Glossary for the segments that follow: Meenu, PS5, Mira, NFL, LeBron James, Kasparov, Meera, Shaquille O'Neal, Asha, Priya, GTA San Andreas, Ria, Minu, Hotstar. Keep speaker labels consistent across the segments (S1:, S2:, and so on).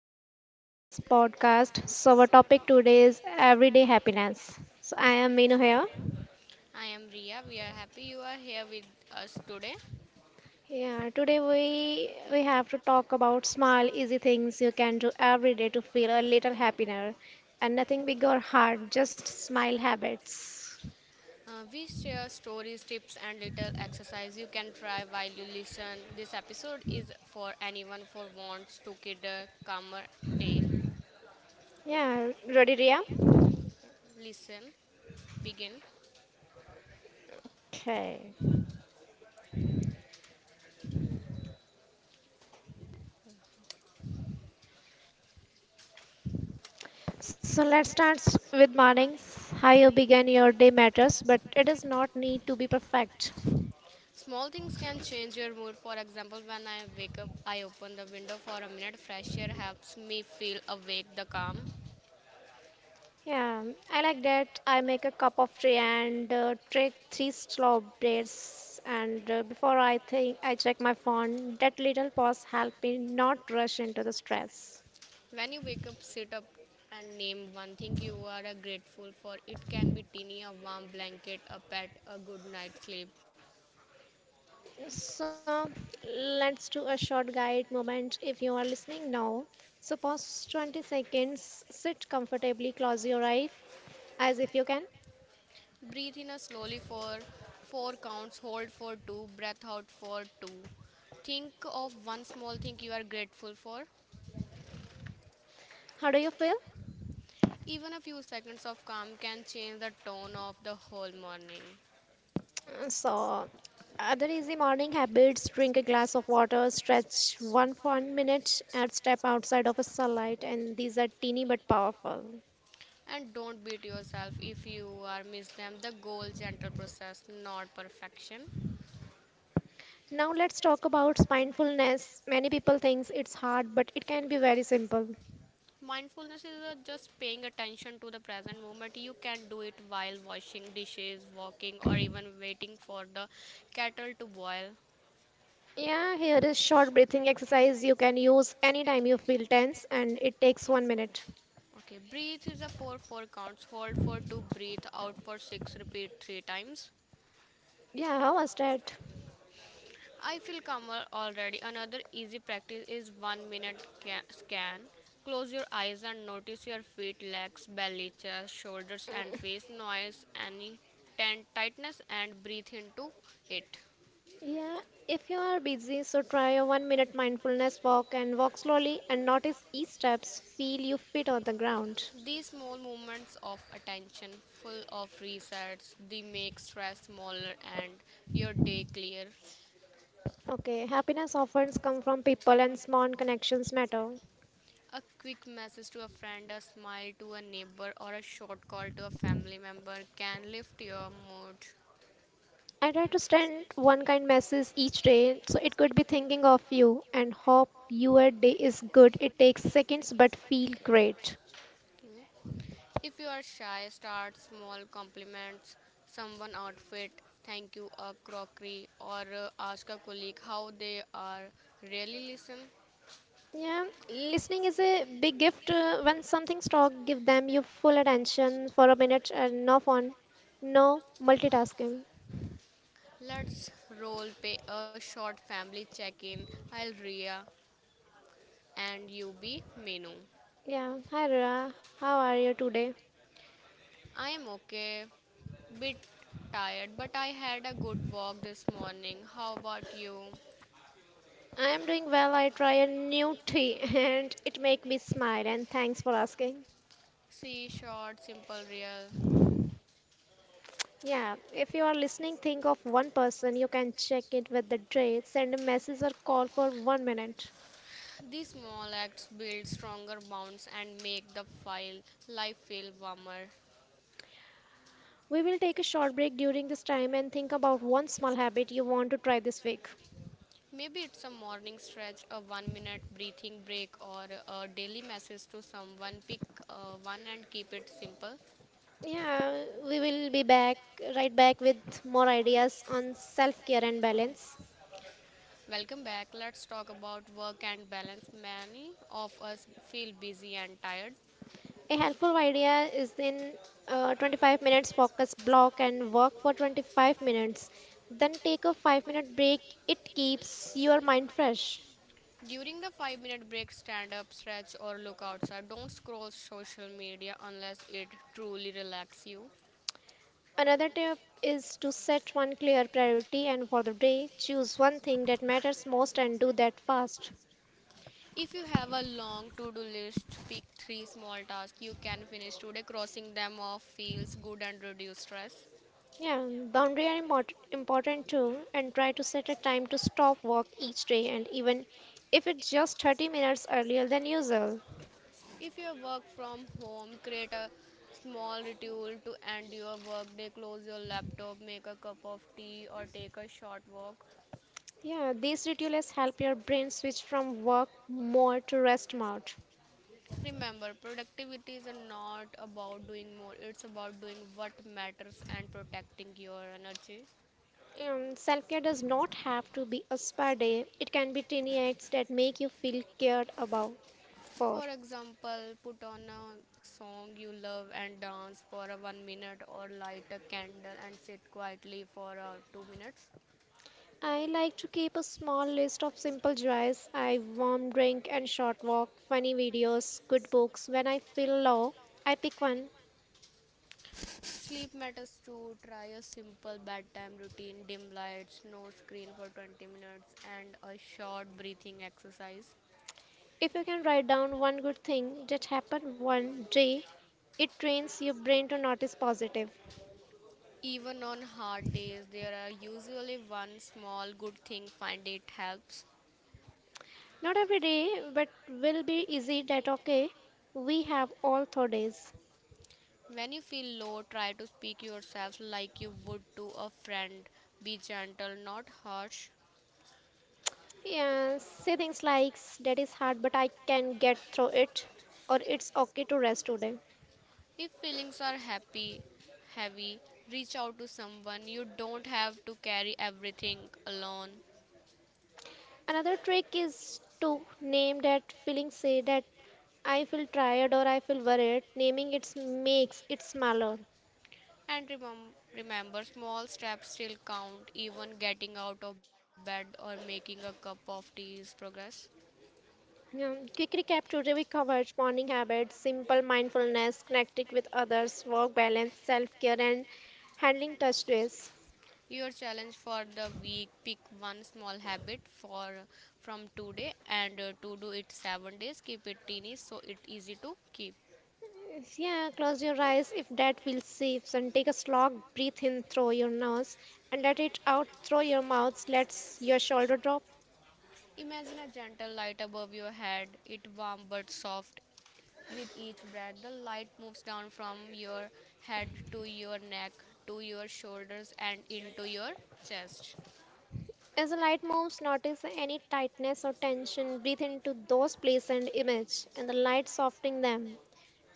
S1: guys, welcome in this podcast. So, our topic today is everyday happiness. So, I am Meenu here.
S2: I am Ria. We are happy you are here with us today.
S1: Yeah, today we have to talk about small, easy things you can do every day to feel a little happier, and nothing big or hard, just smile habits.
S2: We share stories, tips, and little exercise you can try while you listen. This episode is for anyone who wants to kid a calmer day.
S1: Yeah, ready, Ria?
S2: Listen, begin.
S1: Okay. So let's start with mornings. How you begin your day matters, but it does not need to be perfect.
S2: Small things can change your mood. For example, when I wake up, I open the window for a minute. Fresh air helps me feel awake. The calm.
S1: Yeah, I like that. I make a cup of tea and take three slow breaths. And before I think, I check my phone. That little pause help me not rush into the stress.
S2: When you wake up, sit up and name one thing you are grateful for. It can be teeny, a warm blanket, a pet, a good night's sleep.
S1: So let's do a short guide moment if you are listening now. So pause 20 seconds, sit comfortably, close your eyes as if you can.
S2: Breathe in slowly for 4 counts, hold for two, breath out for two. Think of one small thing you are grateful for.
S1: How do you feel?
S2: Even a few seconds of calm can change the tone of the whole morning.
S1: So, other easy morning habits drink a glass of water, stretch one one minute, and step outside of a sunlight. And these are teeny but powerful.
S2: And don't beat yourself if you are miss them. The goal gentle process, not perfection.
S1: Now, let's talk about mindfulness. Many people think it's hard, but it can be very simple.
S2: Mindfulness is just paying attention to the present moment. You can do it while washing dishes, walking, or even waiting for the kettle to boil.
S1: Yeah, here is short breathing exercise you can use anytime you feel tense, and it takes 1 minute.
S2: Okay, breathe is a 4 4 counts. Hold for 2, breathe out for 6, repeat 3 times.
S1: Yeah, how was that?
S2: I feel calmer already. Another easy practice is 1 minute scan. Close your eyes and notice your feet, legs, belly, chest, shoulders, and face. Noise, any tightness, and breathe into it.
S1: Yeah, if you are busy, so try a 1 minute mindfulness walk and walk slowly and notice each steps. Feel your feet on the ground.
S2: These small movements of attention, full of resets, they make stress smaller and your day clear.
S1: Okay, happiness often comes from people and small connections matter.
S2: A quick message to a friend, a smile to a neighbor, or a short call to a family member can lift your mood.
S1: I try to send one kind message each day, so it could be thinking of you and hope your day is good. It takes seconds but feel great.
S2: Okay. If you are shy, start small compliments, someone outfit, thank you, a crockery, or ask a colleague how they are. Really listen.
S1: Yeah, listening is a big gift. When something's talk, give them your full attention for a minute and no phone, no multitasking.
S2: Let's role play a short family check in. I'll Ria. And you be Menu.
S1: Yeah, hi Rara, how are you today?
S2: I am okay. Bit tired, but I had a good walk this morning. How about you?
S1: I am doing well. I try a new tea and it make me smile and thanks for asking.
S2: See short, simple, real.
S1: Yeah, if you are listening, think of one person you can check it with the day, send a message or call for 1 minute.
S2: These small acts build stronger bonds and make the file life feel warmer.
S1: We will take a short break during this time and think about one small habit you want to try this week.
S2: Maybe it's a morning stretch, a 1 minute breathing break, or a daily message to someone. Pick one and keep it simple.
S1: Yeah, we will be back right back with more ideas on self-care and balance.
S2: Welcome back. Let's talk about work and balance. Many of us feel busy and tired.
S1: A helpful idea is in 25 minutes focus block and work for 25 minutes. Then take a 5-minute break. It keeps your mind fresh.
S2: During the 5-minute break, stand up, stretch, or look outside. Don't scroll social media unless it truly relaxes you.
S1: Another tip is to set one clear priority and for the day, choose one thing that matters most and do that fast.
S2: If you have a long to do list, pick three small tasks you can finish today. Crossing them off feels good and reduces stress.
S1: Yeah, boundary are important too and try to set a time to stop work each day and even if it's just 30 minutes earlier than usual.
S2: If you work from home, create a small ritual to end your workday. Close your laptop, make a cup of tea, or take a short walk.
S1: Yeah, these rituals help your brain switch from work mode to rest mode.
S2: Remember, productivity is not about doing more, it's about doing what matters and protecting your energy.
S1: Self-care does not have to be a spa day. It can be tiny acts that make you feel cared about for.
S2: For example, put on a song you love and dance for a 1 minute or light a candle and sit quietly for 2 minutes.
S1: I like to keep a small list of simple joys. I warm drink and short walk, funny videos, good books. When I feel low, I pick one.
S2: Sleep matters too. Try a simple bedtime routine, dim lights, no screen for 20 minutes and a short breathing exercise.
S1: If you can write down one good thing that happened one day, it trains your brain to notice positive.
S2: Even on hard days, there are usually one small good thing. Find it helps.
S1: Not every day, but will be easy that okay. We have all 3 days.
S2: When you feel low, try to speak yourself like you would to a friend. Be gentle, not harsh.
S1: Yeah, say things like that is hard, but I can get through it, or it's okay to rest today.
S2: If feelings are happy, heavy, reach out to someone. You don't have to carry everything alone.
S1: Another trick is to name that feeling. Say that I feel tired or I feel worried. Naming it makes it smaller.
S2: And remember, small steps still count. Even getting out of bed or making a cup of tea is progress.
S1: Yeah, quick recap today we covered morning habits, simple mindfulness, connecting with others, work balance, self care, and handling touch days.
S2: Your challenge for the week, pick one small habit for from today and to do it 7 days, keep it teeny so it easy to keep.
S1: Yes, yeah, close your eyes if that feels safe and take a slog, breathe in through your nose and let it out through your mouth. Let your shoulder drop.
S2: Imagine a gentle light above your head. It warm but soft. With each breath the light moves down from your head to your neck to your shoulders and into your chest.
S1: As the light moves, notice any tightness or tension. Breathe into those places and image and the light softening them.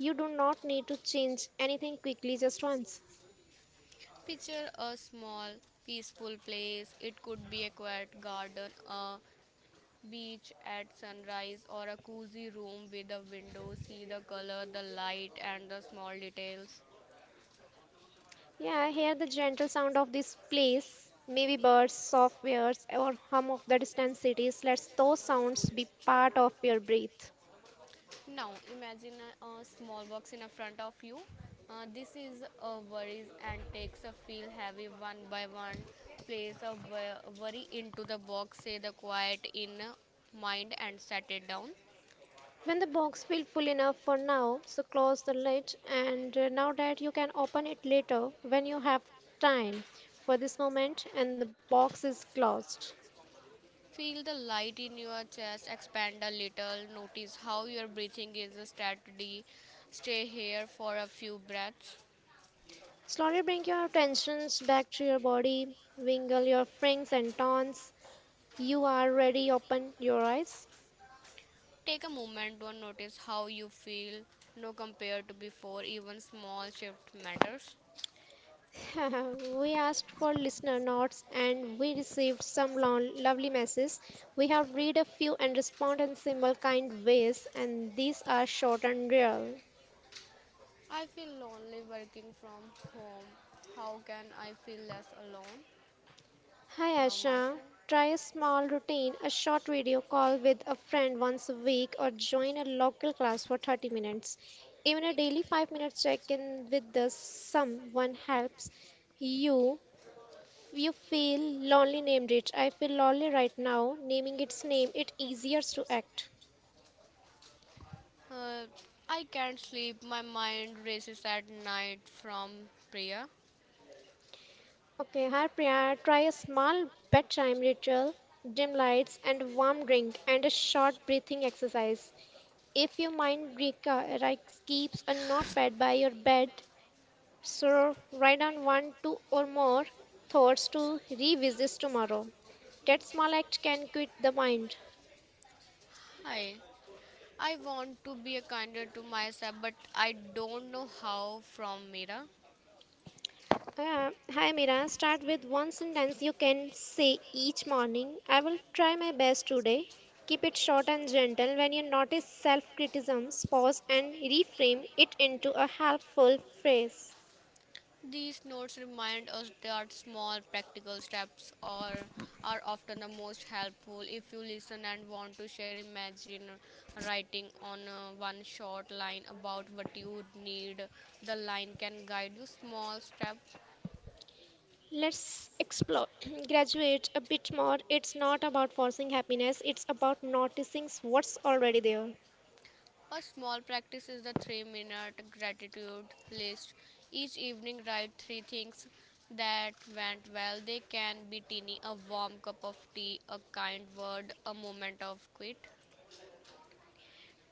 S1: You do not need to change anything quickly just once.
S2: Picture a small peaceful place. It could be a quiet garden, a beach at sunrise or a cozy room with a window. See the color, the light and the small details.
S1: Yeah, I hear the gentle sound of this place. Maybe birds, soft wares, or hum of the distant cities. Let those sounds be part of your breath.
S2: Now imagine a small box in a front of you. This is a worries and takes a feel heavy one by one. Place a worry into the box, say the quiet in mind and set it down.
S1: When the box feels full enough for now, so close the lid and now that you can open it later when you have time. For this moment and the box is closed.
S2: Feel the light in your chest expand a little. Notice how your breathing is steady. Stay here for a few breaths.
S1: Slowly bring your tensions back to your body, wiggle your frings and tons. You are ready, open your eyes.
S2: Take a moment to notice how you feel now compared to before, even small shift matters.
S1: We asked for listener notes and we received some lovely messages. We have read a few and respond in simple kind ways and these are short and real.
S2: I feel lonely working from home. How can I feel less alone
S1: Hi
S2: from
S1: Asha,
S2: myself?
S1: try a small routine, a short video call with a friend once a week, or join a local class for 30 minutes. Even a daily 5-minute check in with the someone helps you. You feel lonely, named it. I feel lonely right now. Naming its name, it easier to act.
S2: Uh, I can't sleep, my mind races at night from Priya.
S1: Okay, hi Priya. Try a small bedtime ritual, dim lights, and warm drink, and a short breathing exercise. If your mind like, keeps a notepad by your bed, so write down one, two, or more thoughts to revisit tomorrow. That small act can quit the mind.
S2: Hi. I want to be kinder to myself, but I don't know how from Meera.
S1: Hi Mira, start with one sentence you can say each morning. I will try my best today. Keep it short and gentle. When you notice self criticisms, pause and reframe it into a helpful phrase.
S2: These notes remind us that small practical steps are often the most helpful. If you listen and want to share, imagine writing on one short line about what you need. The line can guide you small steps.
S1: Let's explore, graduate a bit more. It's not about forcing happiness, it's about noticing what's already there.
S2: A small practice is the 3 minute gratitude list. Each evening, write three things that went well. They can be teeny, a warm cup of tea, a kind word, a moment of quiet.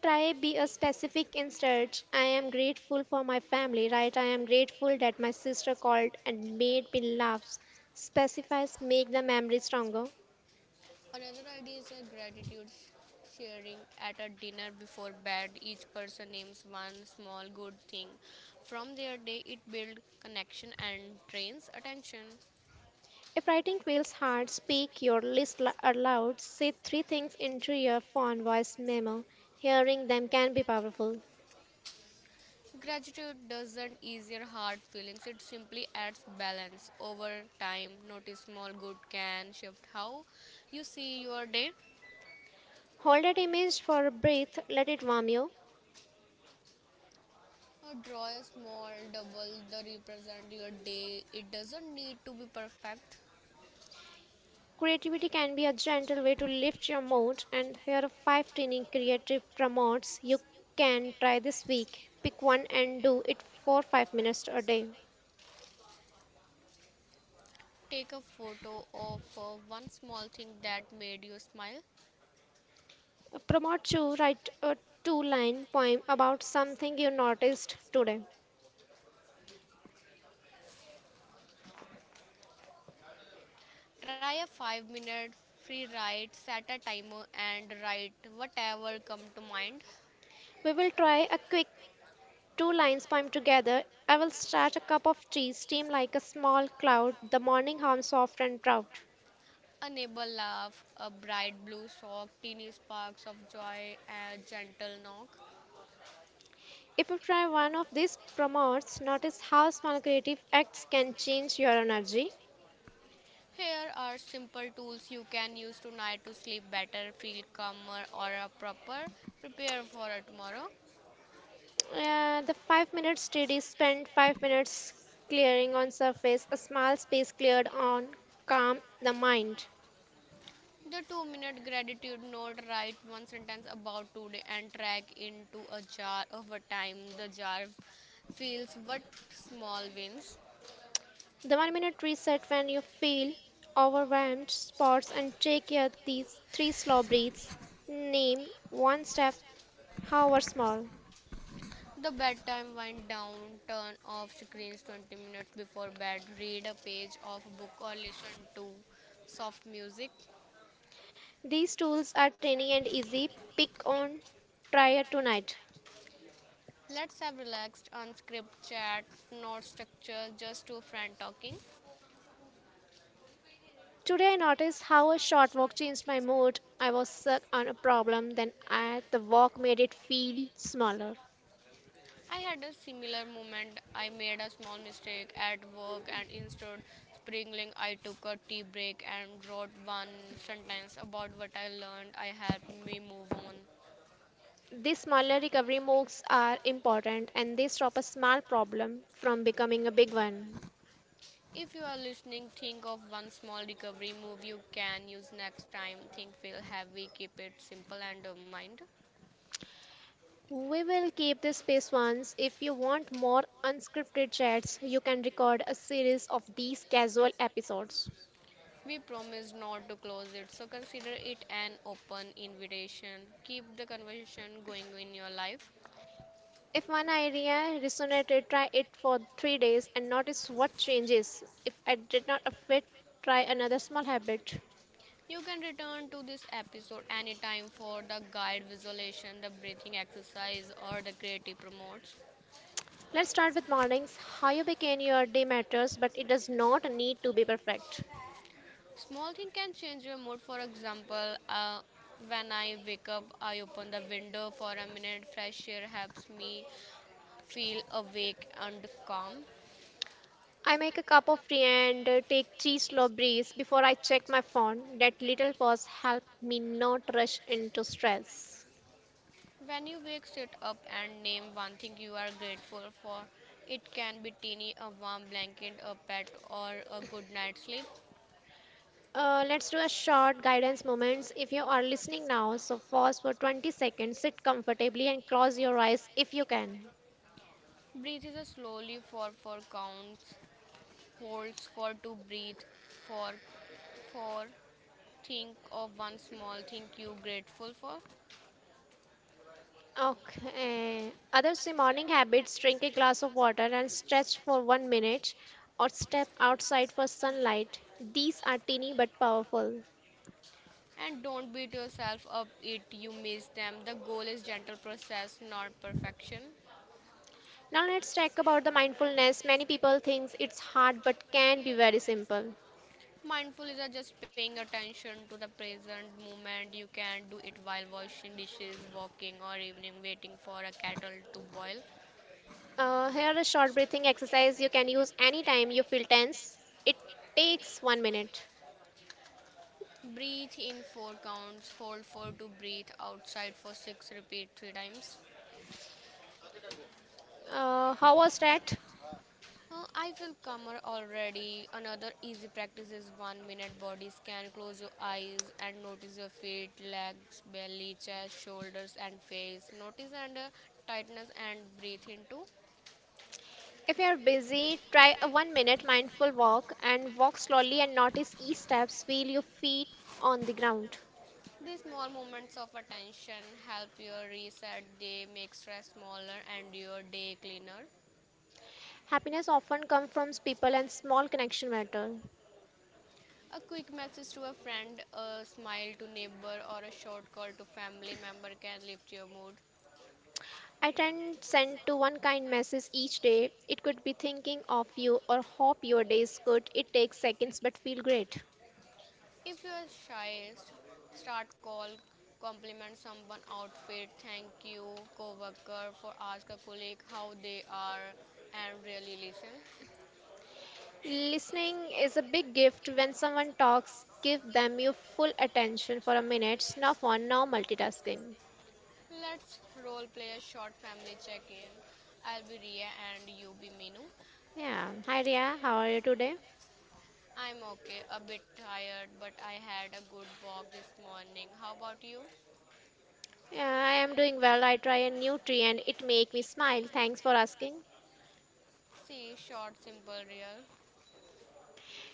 S1: Try be a specific instead. I am grateful for my family, right? I am grateful that my sister called and made me laugh. Specifies make the memory stronger.
S2: Another idea is a gratitude sharing at a dinner before bed. Each person names one small good thing from their day. It builds connection and trains attention.
S1: If writing feels hard, speak your list aloud. Say three things into your phone voice memo. Hearing them can be powerful.
S2: Gratitude doesn't ease your hard feelings, it simply adds balance. Over time, notice small good can shift how you see your day.
S1: Hold that image for a breath. Let it warm you.
S2: Or draw a small double that represent your day. It doesn't need to be perfect.
S1: Creativity can be a gentle way to lift your mood, and here are five tiny creative promotes you can try this week. Pick one and do it for 5 minutes a day.
S2: Take a photo of one small thing that made you smile.
S1: Promote two, write a two line poem about something you noticed today.
S2: Try a 5-minute free write, set a timer, and write whatever come to mind.
S1: We will try a quick two lines poem together. I will start a cup of tea, steam like a small cloud, the morning home soft and proud.
S2: A neighbor laugh, a bright blue sock, teeny sparks of joy, a gentle knock.
S1: If you try one of these promotes, notice how small creative acts can change your energy.
S2: Here are simple tools you can use tonight to sleep better, feel calmer, or proper. Prepare for tomorrow.
S1: The 5 minute study spent 5 minutes clearing on surface, a small space cleared on calm the mind.
S2: The 2 minute gratitude note, write one sentence about today and track into a jar of a time. The jar feels what small wins.
S1: The 1 minute reset when you feel overwhelmed spots and take your these three slow breaths. Name one step, however small.
S2: The bedtime wind down, turn off screens 20 minutes before bed, read a page of a book or listen to soft music.
S1: These tools are tiny and easy. Pick on try it tonight.
S2: Let's have relaxed, unscripted chat, no structure, just two friends talking.
S1: Today I noticed how a short walk changed my mood. I was stuck on a problem, then I, the walk made it feel smaller.
S2: I had a similar moment. I made a small mistake at work and instead sprinkling I took a tea break and wrote one sentence about what I learned. I helped me move on.
S1: These smaller recovery moves are important and they stop a small problem from becoming a big one.
S2: If you are listening, think of one small recovery move you can use next time. Think feel heavy, keep it simple and of mind.
S1: We will keep this space once. If you want more unscripted chats, you can record a series of these casual episodes.
S2: We promise not to close it, so consider it an open invitation. Keep the conversation going in your life.
S1: If one idea resonated, try it for 3 days and notice what changes. If it did not fit, try another small habit.
S2: You can return to this episode anytime for the guide visualization, the breathing exercise, or the creative promotes.
S1: Let's start with mornings. How you begin your day matters, but it does not need to be perfect.
S2: Small thing can change your mood. For example, when I wake up, I open the window for a minute. Fresh air helps me feel awake and calm.
S1: I make a cup of tea and take three slow breaths before I check my phone. That little pause helps me not rush into stress.
S2: When you wake, sit up and name one thing you are grateful for. It can be teeny, a warm blanket, a pet, or a good night's sleep.
S1: Let's do a short guidance moments if you are listening now. So pause for 20 seconds, sit comfortably and close your eyes if you can.
S2: Breathe is a slowly for four counts, holds for to breathe, for for, think of one small thing you grateful for.
S1: Okay. Other say morning habits, drink a glass of water and stretch for 1 minute or step outside for sunlight. These are teeny but powerful.
S2: And don't beat yourself up it you miss them, the goal is gentle process not perfection.
S1: Now let's talk about the mindfulness. Many people think it's hard but can be very simple.
S2: Mindful is just paying attention to the present moment. You can do it while washing dishes, walking or even waiting for a kettle to boil.
S1: Here a short breathing exercise you can use anytime you feel tense. It takes 1 minute.
S2: Breathe in 4 counts, hold for to breathe outside for six, repeat 3 times.
S1: How was that?
S2: I feel calmer already. Another easy practice is 1 minute body scan. Close your eyes and notice your feet, legs, belly, chest, shoulders, and face. Notice and tightness and breathe into.
S1: If you're busy, try a 1 minute mindful walk and walk slowly and notice each steps. Feel your feet on the ground.
S2: These small moments of attention help your reset. They make stress smaller and your day cleaner.
S1: Happiness often comes from people and small connection matter.
S2: A quick message to a friend, a smile to neighbor, or a short call to family member can lift your mood.
S1: I tend send to one kind message each day. It could be thinking of you or hope your day is good. It takes seconds but feel great.
S2: If you are shy, start call, compliment someone outfit, thank you coworker for ask a colleague how they are and really listen.
S1: Listening is a big gift when someone talks, give them your full attention for a minute, no phone, no multitasking.
S2: Let's role play a short family check-in. I'll be Ria and you be Minu.
S1: Yeah. Hi Ria, how are you today?
S2: I'm okay, a bit tired, but I had a good walk this morning. How about you?
S1: Yeah, I am doing well. I try a new tree and it make me smile. Thanks for asking.
S2: See, short, simple, real.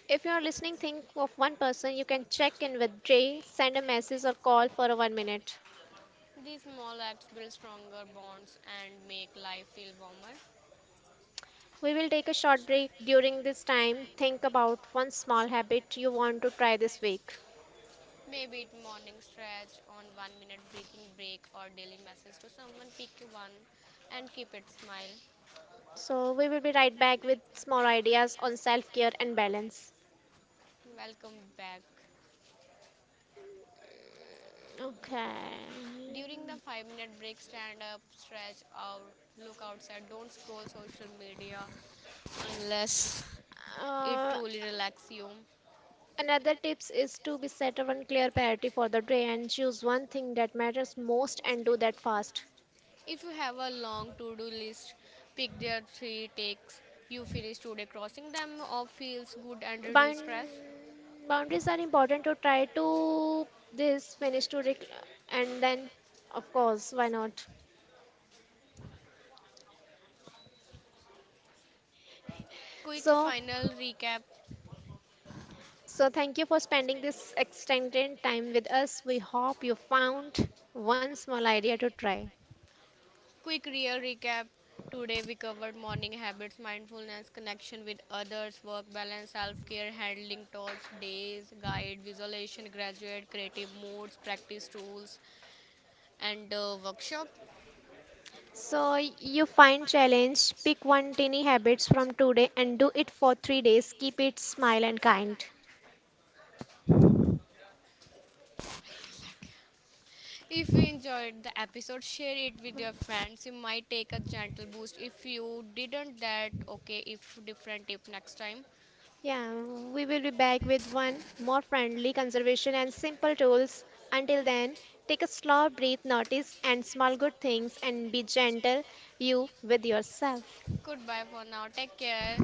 S1: If you are listening, think of one person you can check in with Jay, send a message or call for a 1 minute.
S2: These small acts build stronger bonds and make life feel warmer.
S1: We will take a short break during this time. Think about one small habit you want to try this week.
S2: Maybe it morning stretch on 1 minute breathing break or daily message to someone, pick one and keep it smile.
S1: So, we will be right back with small ideas on self care and balance.
S2: Welcome back.
S1: Okay.
S2: During the 5 minute break, stand up, stretch or look outside. Don't scroll social media unless it
S1: Uh,
S2: truly relaxes you.
S1: Another tips is to be set one clear priority for the day and choose one thing that matters most and do that fast.
S2: If you have a long to do list, pick their three takes you finish today. Crossing them off feels good and reduce
S1: Bound
S2: stress.
S1: Boundaries are important to try to this finish to and then of course why not
S2: Quick
S1: so
S2: final recap.
S1: So, thank you for spending this extended time with us. We hope you found one small idea to try.
S2: Quick real recap. Today we covered morning habits, mindfulness, connection with others, work balance, self-care, handling thoughts, days, guide, visualization, graduate, creative moods, practice tools, and workshop.
S1: So, you find challenge, pick one tiny habits from today and do it for 3 days. Keep it smile and kind.
S2: If you enjoyed the episode, share it with your friends. You might take a gentle boost. If you didn't, that okay. If different tip next time.
S1: Yeah, we will be back with one more friendly conservation and simple tools. Until then, take a slow breath, notice and small good things and be gentle you with yourself.
S2: Goodbye for now. Take care.